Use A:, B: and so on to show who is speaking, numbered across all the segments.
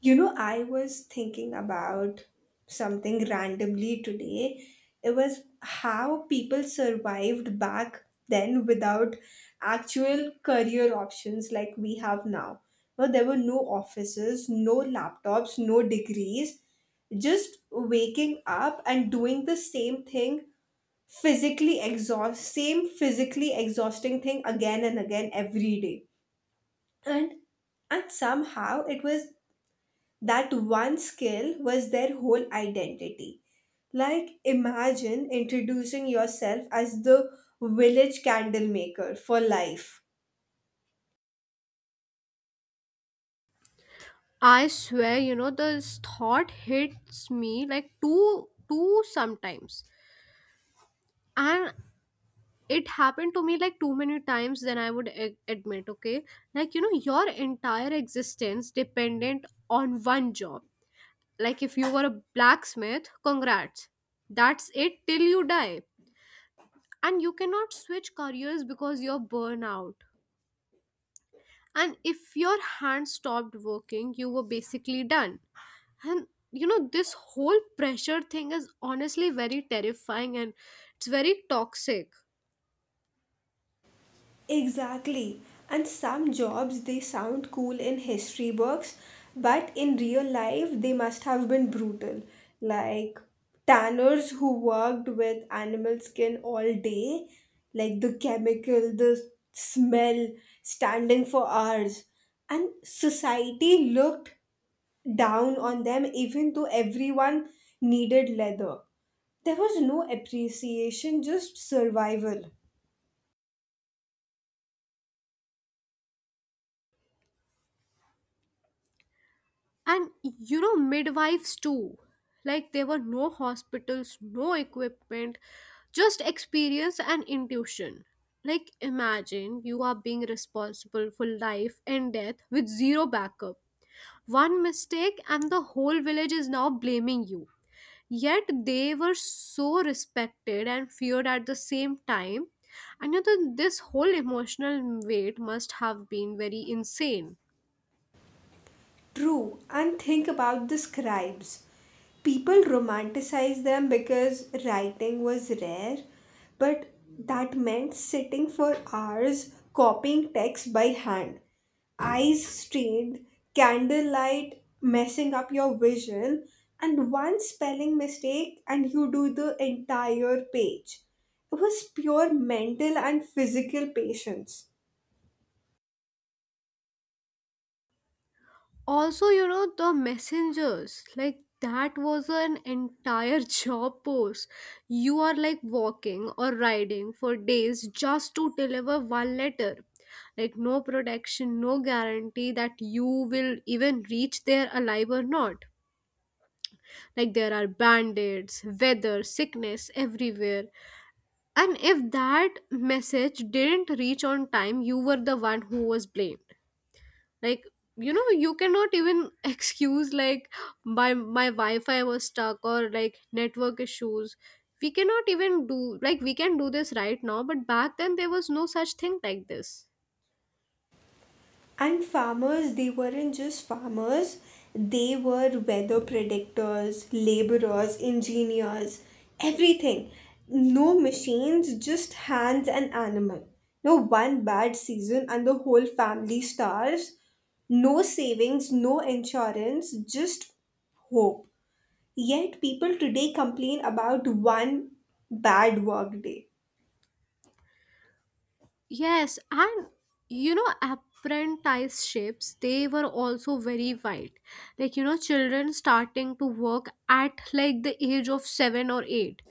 A: You know, I was thinking about something randomly today. It was how people survived back then without actual career options like we have now. Now, there were no offices, no laptops, no degrees, just waking up and doing the same thing physically exhausting thing again and again every day and and somehow it was that one skill was their whole identity. Like, imagine introducing yourself as the village candle maker for life.
B: I swear, you know, this thought hits me like two sometimes. And it happened to me like too many times than I would admit, okay? Like, you know, your entire existence dependent on one job. Like, if you were a blacksmith, congrats. That's it till you die. And you cannot switch careers because you're burnout. And if your hand stopped working, you were basically done. And you know, this whole pressure thing is honestly very terrifying, and it's very toxic.
A: Exactly. And some jobs they sound cool in history books, but in real life they must have been brutal. Like tanners who worked with animal skin all day, like the chemical, the smell, standing for hours. And society looked down on them even though everyone needed leather. There was no appreciation, just survival.
B: And you know, midwives too. Like, there were no hospitals, no equipment, just experience and intuition. Like, imagine you are being responsible for life and death with zero backup. One mistake, and the whole village is now blaming you. Yet they were so respected and feared at the same time. And you know, this whole emotional weight must have been very insane.
A: True, and think about the scribes. People romanticize them because writing was rare, but that meant sitting for hours copying text by hand, eyes strained, candlelight messing up your vision, and one spelling mistake, and you do the entire page. It was pure mental and physical patience.
B: Also, you know, the messengers, like that was an entire job post. You are like walking or riding for days just to deliver one letter. Like, no protection, no guarantee that you will even reach there alive or not. Like there are band-aids, weather, sickness everywhere. And if that message didn't reach on time, you were the one who was blamed. Like, you know, you cannot even excuse like my Wi-Fi was stuck or like network issues. We cannot even do like we can do this right now, but back then there was no such thing like this.
A: And farmers, they weren't just farmers, they were weather predictors, laborers, engineers, everything. No machines, just hands and animal. No one bad season and the whole family starves. No savings, no insurance, just hope. Yet people today complain about one bad work day.
B: Yes, and you know, apprenticeships, they were also very wild. Like, you know, children starting to work at like the age of seven or eight,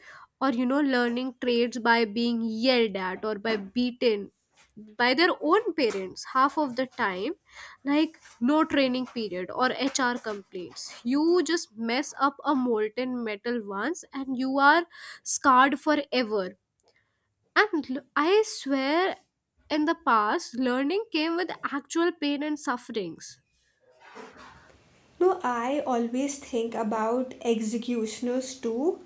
B: or you know, learning trades by being yelled at or by beaten by their own parents half of the time, like no training period or HR complaints. You just mess up a molten metal once and you are scarred forever. And I swear, in the past, learning came with actual pain and sufferings.
A: No, I always think about executioners too.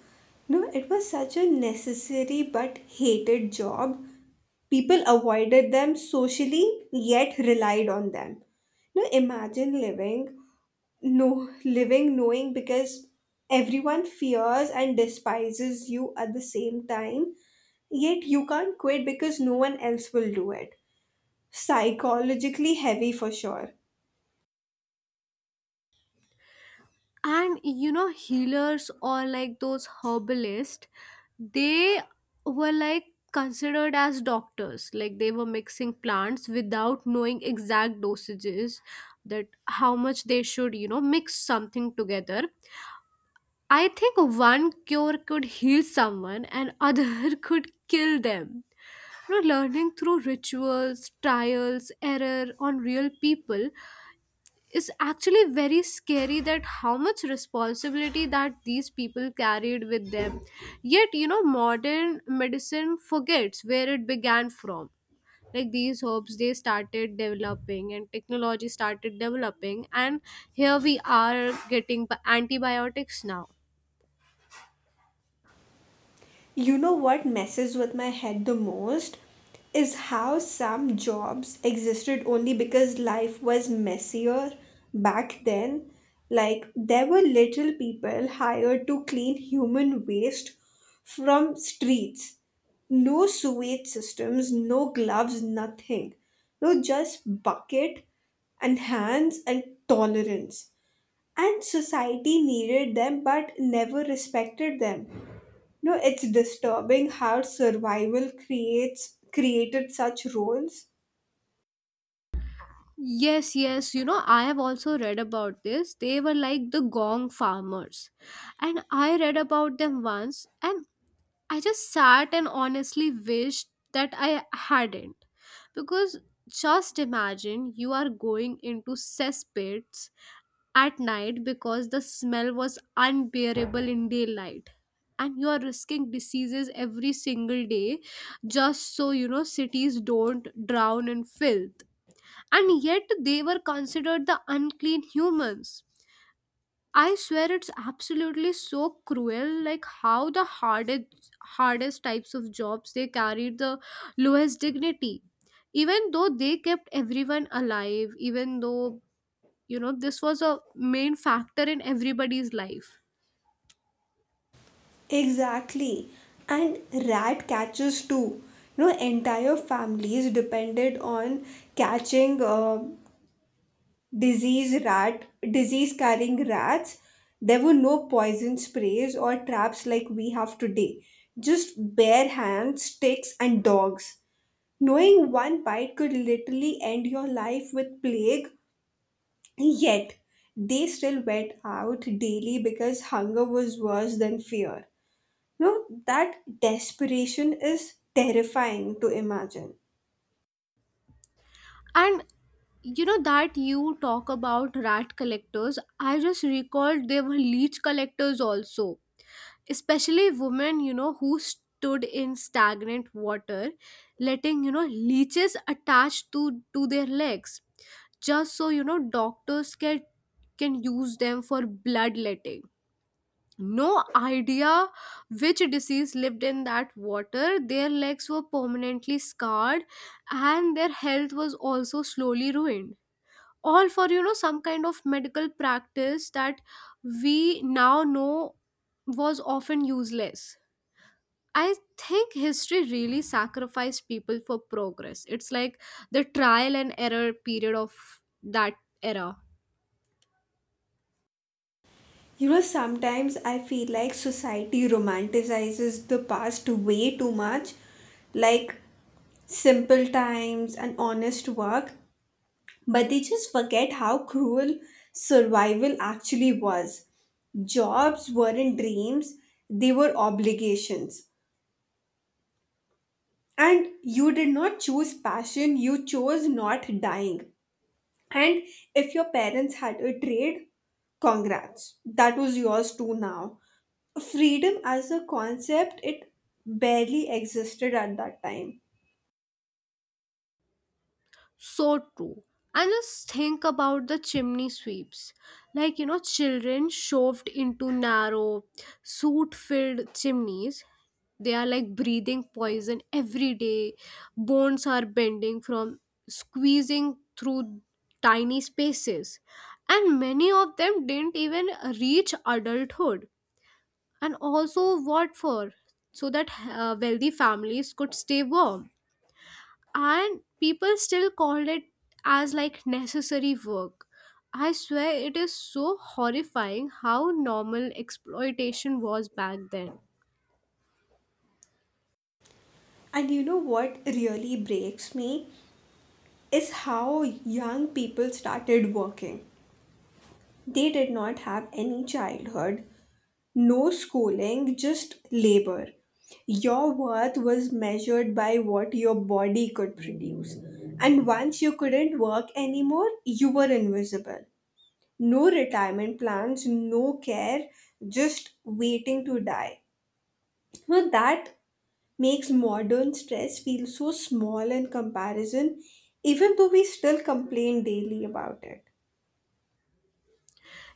A: No, it was such a necessary but hated job. People avoided them socially yet relied on them. No, imagine living, no, living knowing because everyone fears and despises you at the same time, yet you can't quit because no one else will do it. Psychologically heavy for sure.
B: And you know, healers or like those herbalists, they were like considered as doctors. Like they were mixing plants without knowing exact dosages, that how much they should, you know, mix something together. I think one cure could heal someone and other could kill them. You know, learning through rituals, trials, error on real people is actually very scary, that how much responsibility that these people carried with them. Yet, you know, modern medicine forgets where it began from. Like these herbs, they started developing and technology started developing, and here we are getting antibiotics now.
A: You know what messes with my head the most is how some jobs existed only because life was messier back then. Like, there were little people hired to clean human waste from streets. No sewage systems, no gloves, nothing. No, just bucket and hands and tolerance. And society needed them but never respected them. No, it's disturbing how survival creates created such roles.
B: Yes, yes. You know, I have also read about this. They were like the gong farmers. And I read about them once, and I just sat and honestly wished that I hadn't. Because just imagine you are going into cesspits at night because the smell was unbearable in daylight, and you are risking diseases every single day, just so, you know, cities don't drown in filth. And yet they were considered the unclean humans. I swear it's absolutely so cruel, like how the hardest types of jobs they carried the lowest dignity. Even though they kept everyone alive, even though, you know, this was a main factor in everybody's life.
A: Exactly. And rat catchers too. You know, entire families depended on catching disease rat, disease carrying rats. There were no poison sprays or traps like we have today. Just bare hands, sticks, and dogs. Knowing one bite could literally end your life with plague. Yet, they still went out daily because hunger was worse than fear. No, that desperation is terrifying to imagine.
B: And you know, that you talk about rat collectors, I just recalled they were leech collectors also, especially women, you know, who stood in stagnant water, letting, you know, leeches attached to their legs, just so, you know, doctors can use them for bloodletting. No idea which disease lived in that water. Their legs were permanently scarred, and their health was also slowly ruined, all for, you know, some kind of medical practice that we now know was often useless. I think history really sacrificed people for progress. It's like the trial and error period of that era.
A: You know, sometimes I feel like society romanticizes the past way too much, like simple times and honest work, but they just forget how cruel survival actually was. Jobs weren't dreams, they were obligations. And you did not choose passion, you chose not dying. And if your parents had a trade, congrats. That was yours too now. Freedom as a concept, it barely existed at that time.
B: So true. And just think about the chimney sweeps. Like, you know, children shoved into narrow, soot filled chimneys. They are like breathing poison every day. Bones are bending from squeezing through tiny spaces. And many of them didn't even reach adulthood. And also, what for? So that wealthy families could stay warm. And people still called it as like necessary work. I swear it is so horrifying how normal exploitation was back then.
A: And you know what really breaks me is how young people started working. They did not have any childhood, no schooling, just labor. Your worth was measured by what your body could produce. And once you couldn't work anymore, you were invisible. No retirement plans, no care, just waiting to die. Well, that makes modern stress feel so small in comparison, even though we still complain daily about it.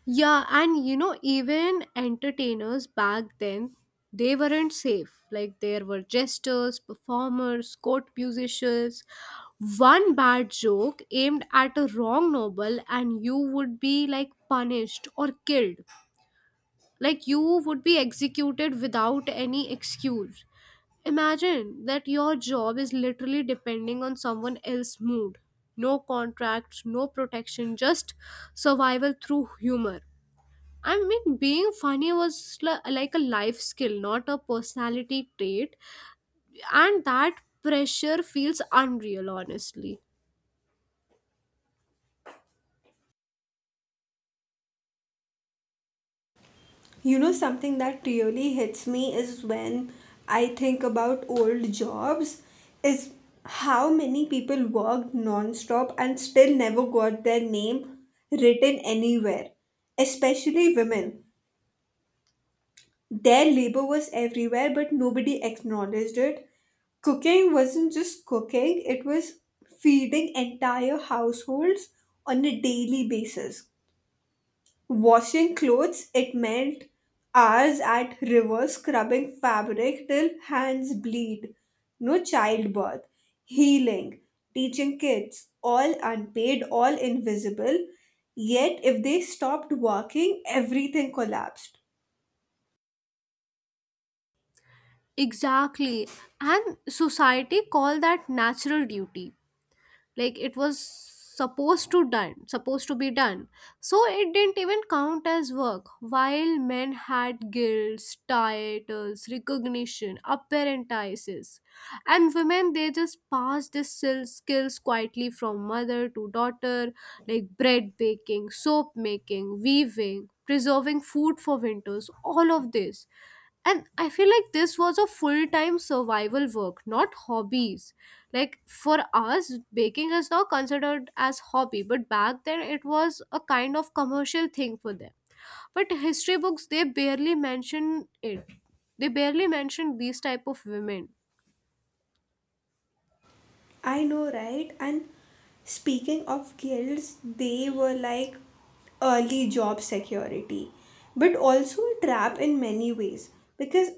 B: Yeah, and you know, even entertainers back then, they weren't safe. Like, there were jesters, performers, court musicians. One bad joke aimed at a wrong noble, and you would be like punished or killed. Like, you would be executed without any excuse. Imagine that your job is literally depending on someone else's mood. No contracts, no protection, just survival through humor. I mean, being funny was like a life skill, not a personality trait. And that pressure feels unreal, honestly.
A: You know, something that really hits me is when I think about old jobs, is how many people worked non-stop and still never got their name written anywhere, especially women. Their labor was everywhere, but nobody acknowledged it. Cooking wasn't just cooking, it was feeding entire households on a daily basis. Washing clothes, it meant hours at river scrubbing fabric till hands bleed. No childbirth, healing, teaching kids, all unpaid, all invisible. Yet, if they stopped working, everything collapsed.
B: Exactly. And society call that natural duty. Like it was supposed to be done, so it didn't even count as work. While men had guilds, titles, recognition, apprentices, and women, they just passed these skills quietly from mother to daughter, like bread baking, soap making, weaving, preserving food for winters, all of this. And I feel like this was a full time survival work, not hobbies. Like for us baking is now considered as hobby, but back then it was a kind of commercial thing for them. But history books, they barely mention it. They barely mention these type of women.
A: I know, right? And speaking of guilds, they were like early job security, but also a trap in many ways because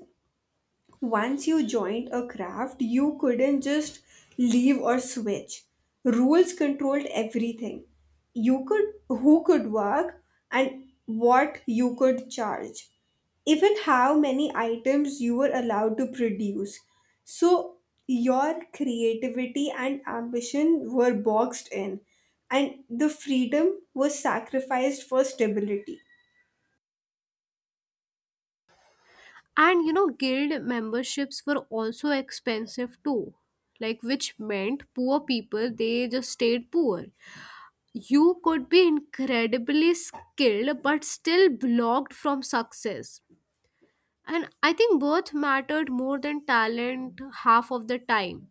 A: once you joined a craft, you couldn't just leave or switch. Rules controlled everything. You could who could work and what you could charge. Even how many items you were allowed to produce. So your creativity and ambition were boxed in and the freedom was sacrificed for stability.
B: And you know, guild memberships were also expensive too, like which meant poor people they just stayed poor. You could be incredibly skilled but still blocked from success. And I think both mattered more than talent half of the time.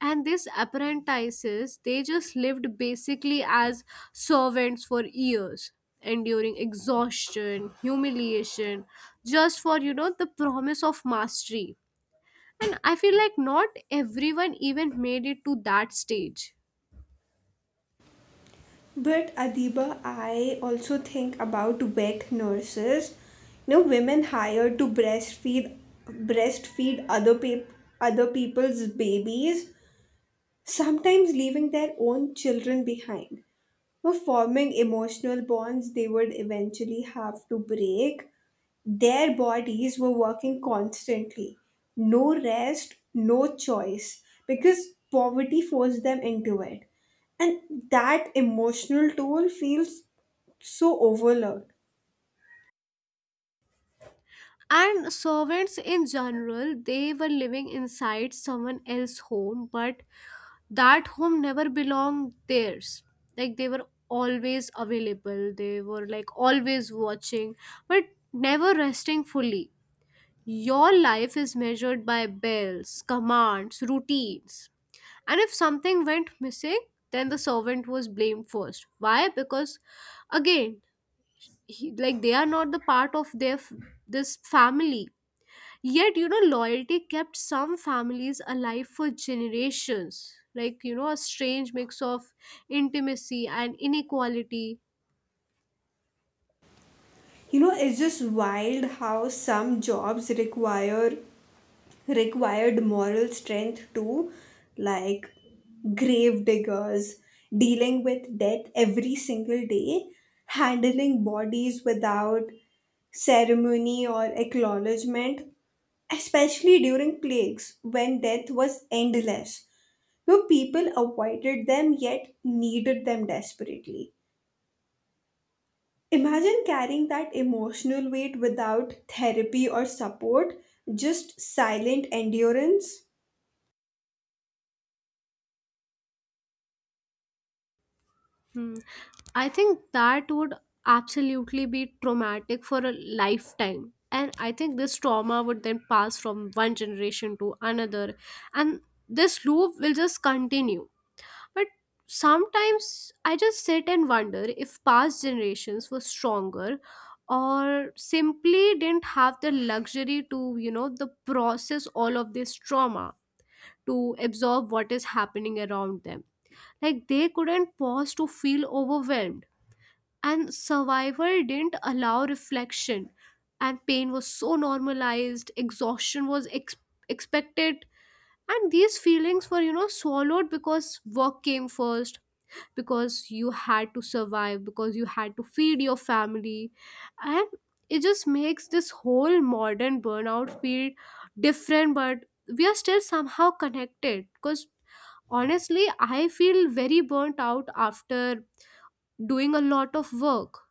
B: And these apprentices, they just lived basically as servants for years, enduring exhaustion, humiliation, just for, you know, the promise of mastery. And I feel like not everyone even made it to that stage.
A: But Adiba, I also think about wet nurses. You know, women hired to breastfeed other people's babies, sometimes leaving their own children behind. For forming emotional bonds they would eventually have to break. Their bodies were working constantly. No rest, no choice, because poverty forced them into it. And that emotional toll feels so overlooked.
B: And servants in general, they were living inside someone else's home, but that home never belonged theirs. Like they were always available, they were like always watching, but never resting fully. Your life is measured by bells, commands, routines. And if something went missing, then the servant was blamed first. Why? Because again, like they are not the part of their this family. Yet, you know, loyalty kept some families alive for generations. Like, you know, a strange mix of intimacy and inequality.
A: You know, it's just wild how some jobs required moral strength to, like, grave diggers dealing with death every single day, handling bodies without ceremony or acknowledgement, especially during plagues when death was endless. No, people avoided them yet needed them desperately. Imagine carrying that emotional weight without therapy or support, just silent endurance.
B: Hmm. I think that would absolutely be traumatic for a lifetime. And I think this trauma would then pass from one generation to another. And this loop will just continue. But sometimes I just sit and wonder if past generations were stronger or simply didn't have the luxury to, you know, the process all of this trauma, to absorb what is happening around them. Like they couldn't pause to feel overwhelmed. And survival didn't allow reflection. And pain was so normalized, exhaustion was expected. And these feelings were, you know, swallowed because work came first, because you had to survive, because you had to feed your family. And it just makes this whole modern burnout feel different, but we are still somehow connected because honestly I feel very burnt out after doing a lot of work.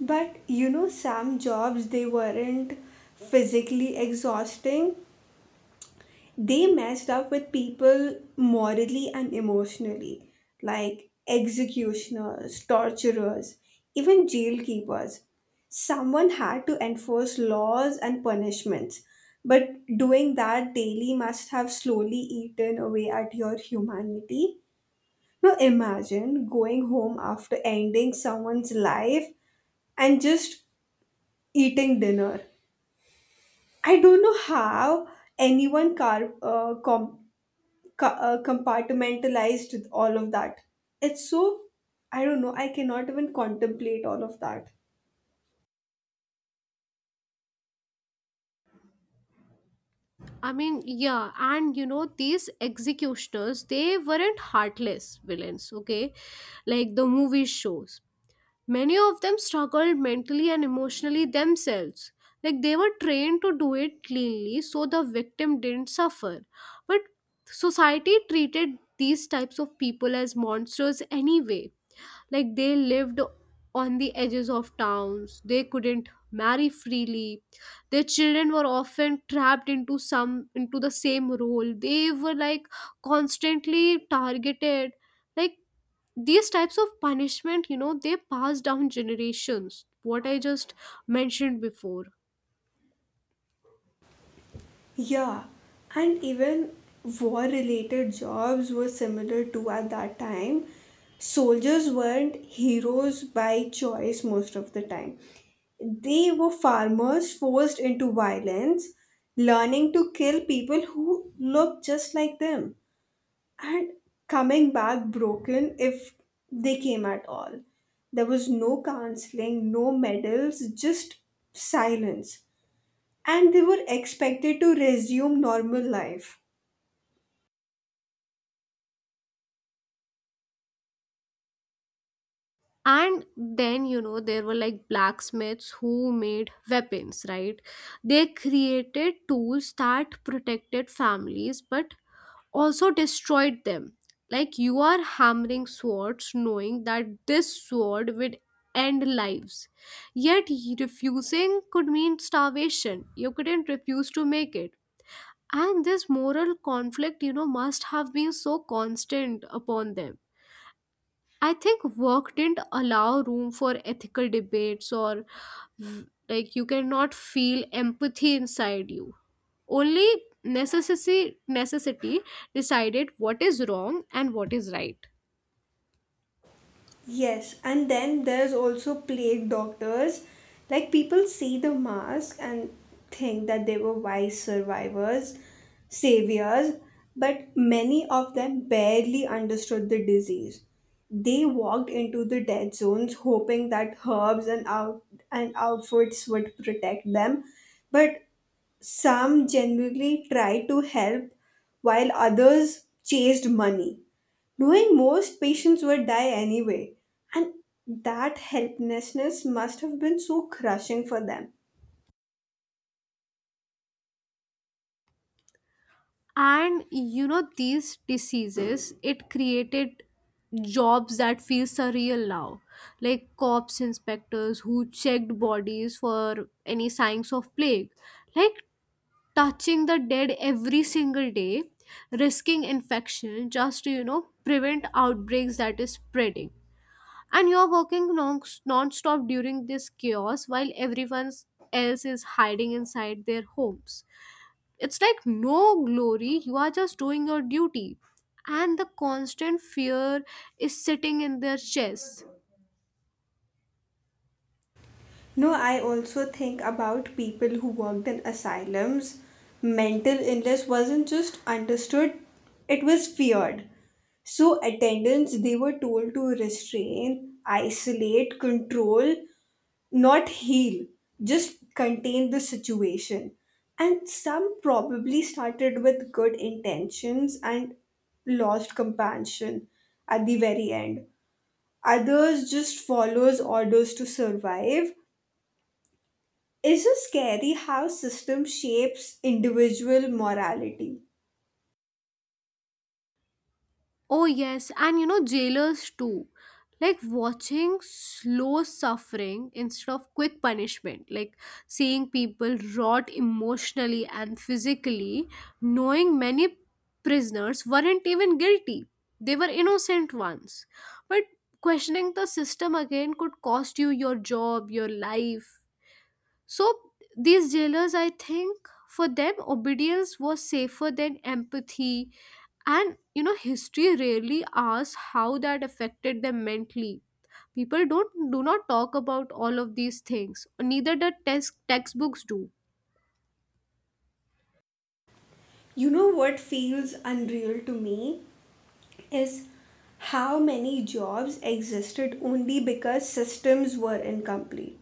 A: But you know, some jobs they weren't physically exhausting. They messed up with people morally and emotionally, like executioners, torturers, even jail keepers. Someone had to enforce laws and punishments, but doing that daily must have slowly eaten away at your humanity. Now imagine going home after ending someone's life and just eating dinner. I don't know how anyone car compartmentalized all of that. It's so, I don't know. I cannot even contemplate all of that.
B: I mean, yeah, and you know, these executioners, they weren't heartless villains, okay, like the movie shows. Many of them struggled mentally and emotionally themselves. Like they were trained to do it cleanly so the victim didn't suffer. But society treated these types of people as monsters anyway. Like they lived on the edges of towns, they couldn't marry freely. Their children were often trapped into the same role. They were like constantly targeted. Like these types of punishment, you know, they pass down generations, what I just mentioned before.
A: Yeah, and even war-related jobs were similar to at that time. Soldiers weren't heroes by choice most of the time. They were farmers forced into violence, learning to kill people who looked just like them, and coming back broken if they came at all. There was no counseling, no medals, just silence. And they were expected to resume normal life.
B: And then you know, there were like blacksmiths who made weapons, right? They created tools that protected families but also destroyed them. Like you are hammering swords knowing that this sword would end lives. Yet refusing could mean starvation. You couldn't refuse to make it. And this moral conflict, you know, must have been so constant upon them. I think work didn't allow room for ethical debates or like you cannot feel empathy inside you. Only necessity decided what is wrong and what is right.
A: Yes, and then there's also plague doctors. Like people see the mask and think that they were wise survivors, saviors, but many of them barely understood the disease. They walked into the dead zones hoping that herbs and out and outfits would protect them, but some genuinely tried to help while others chased money knowing most patients would die anyway. And that helplessness must have been so crushing for them.
B: And you know, these diseases, it created jobs that feel surreal now. Like cops, inspectors who checked bodies for any signs of plague, like touching the dead every single day, risking infection just to, you know, prevent outbreaks that is spreading. And you're working non-stop during this chaos while everyone else is hiding inside their homes. It's like no glory, you are just doing your duty. And the constant fear is sitting in their chest.
A: No, I also think about people who worked in asylums. Mental illness wasn't just understood, it was feared. So, attendants, they were told to restrain, isolate, control, not heal, just contain the situation. And some probably started with good intentions and lost compassion at the very end. Others just follows orders to survive. It's just scary how system shapes individual morality.
B: Oh yes, and you know, jailers too, like watching slow suffering instead of quick punishment, like seeing people rot emotionally and physically, knowing many prisoners weren't even guilty, they were innocent ones. But questioning the system again could cost you your job, your life. So, these jailers, I think, for them, obedience was safer than empathy. And, you know, history rarely asks how that affected them mentally. People don't, do not talk about all of these things. Neither the textbooks do.
A: You know what feels unreal to me? Is how many jobs existed only because systems were incomplete.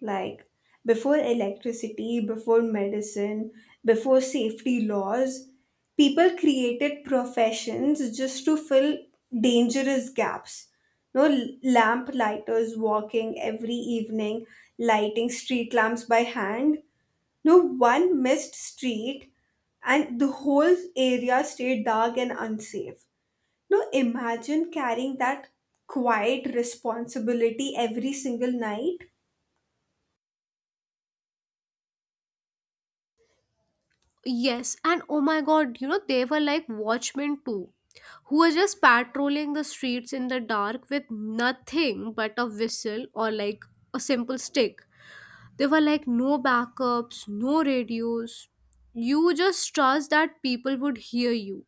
A: Like before electricity, before medicine, before safety laws, people created professions just to fill dangerous gaps. No lamp lighters walking every evening, lighting street lamps by hand. No one missed street, and the whole area stayed dark and unsafe. No, imagine carrying that quiet responsibility every single night.
B: Yes, and oh my god, you know, they were like watchmen too, who were just patrolling the streets in the dark with nothing but a whistle or like a simple stick. There were like no backups, no radios. You just trust that people would hear you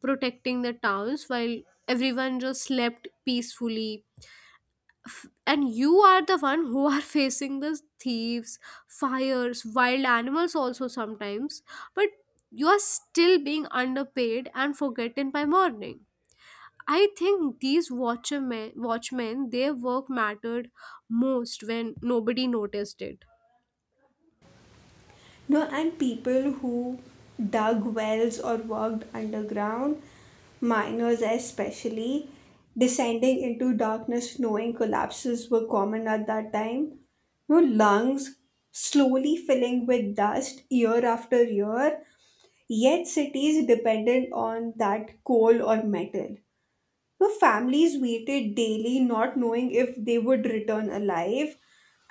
B: protecting the towns while everyone just slept peacefully. And you are the one who are facing the thieves, fires, wild animals also sometimes. But you are still being underpaid and forgotten by morning. I think these watchmen, their work mattered most when nobody noticed it.
A: No, and people who dug wells or worked underground, miners especially, descending into darkness knowing collapses were common at that time. No, lungs slowly filling with dust year after year, yet cities dependent on that coal or metal. The families waited daily, not knowing if they would return alive,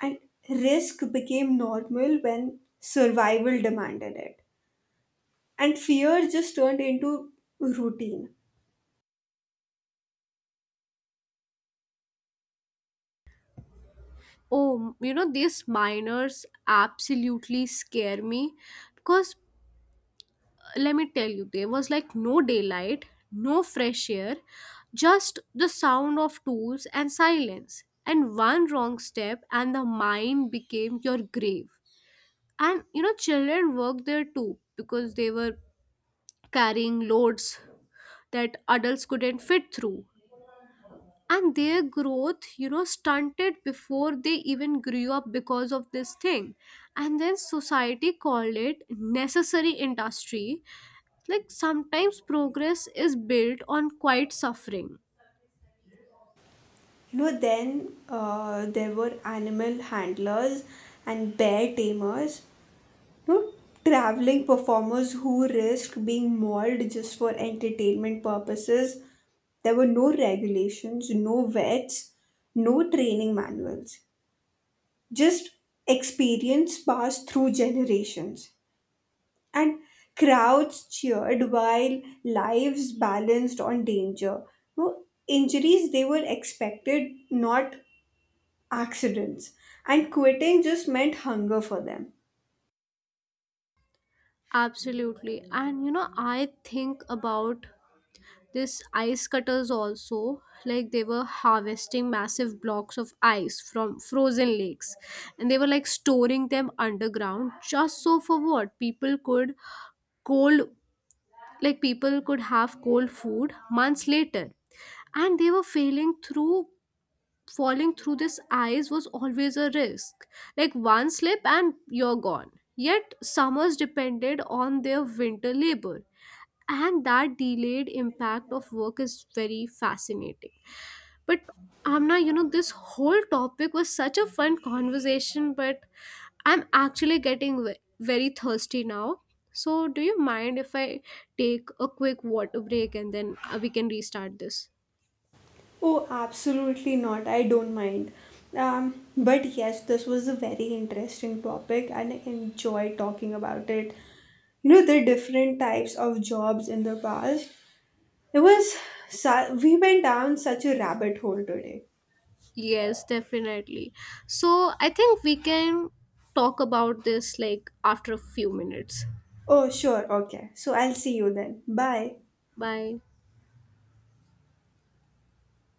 A: and risk became normal when survival demanded it. And fear just turned into routine.
B: Oh, you know, these miners absolutely scare me because let me tell you, there was like no daylight, no fresh air, just the sound of tools and silence. And one wrong step, and the mine became your grave. And you know, children worked there too because they were carrying loads that adults couldn't fit through. And their growth, you know, stunted before they even grew up because of this thing. And then society called it necessary industry. Like sometimes progress is built on quiet suffering.
A: You know, then there were animal handlers and bear tamers, you know, traveling performers who risked being mauled just for entertainment purposes. There were no regulations, no vets, no training manuals, just experience passed through generations, and crowds cheered while lives balanced on danger. No, injuries they were expected, not accidents, and quitting just meant hunger for them.
B: Absolutely. And you know, I think about this ice cutters also, like they were harvesting massive blocks of ice from frozen lakes, and they were like storing them underground just so for what people could cold, like people could have cold food months later. And they were failing through falling through this ice was always a risk. Like one slip and you're gone. Yet summers depended on their winter labor. And that delayed impact of work is very fascinating. But Amna, you know, this whole topic was such a fun conversation, but I'm actually getting very thirsty now. So, do you mind if I take a quick water break and then we can restart this?
A: Oh, absolutely not, I don't mind. But yes, this was a very interesting topic and I enjoy talking about it. You know, the different types of jobs in the past. It was, we went down such a rabbit hole today.
B: Yes, definitely. So, I think we can talk about this like after a few minutes.
A: Oh, sure, okay. So I'll see you then. Bye.
B: Bye.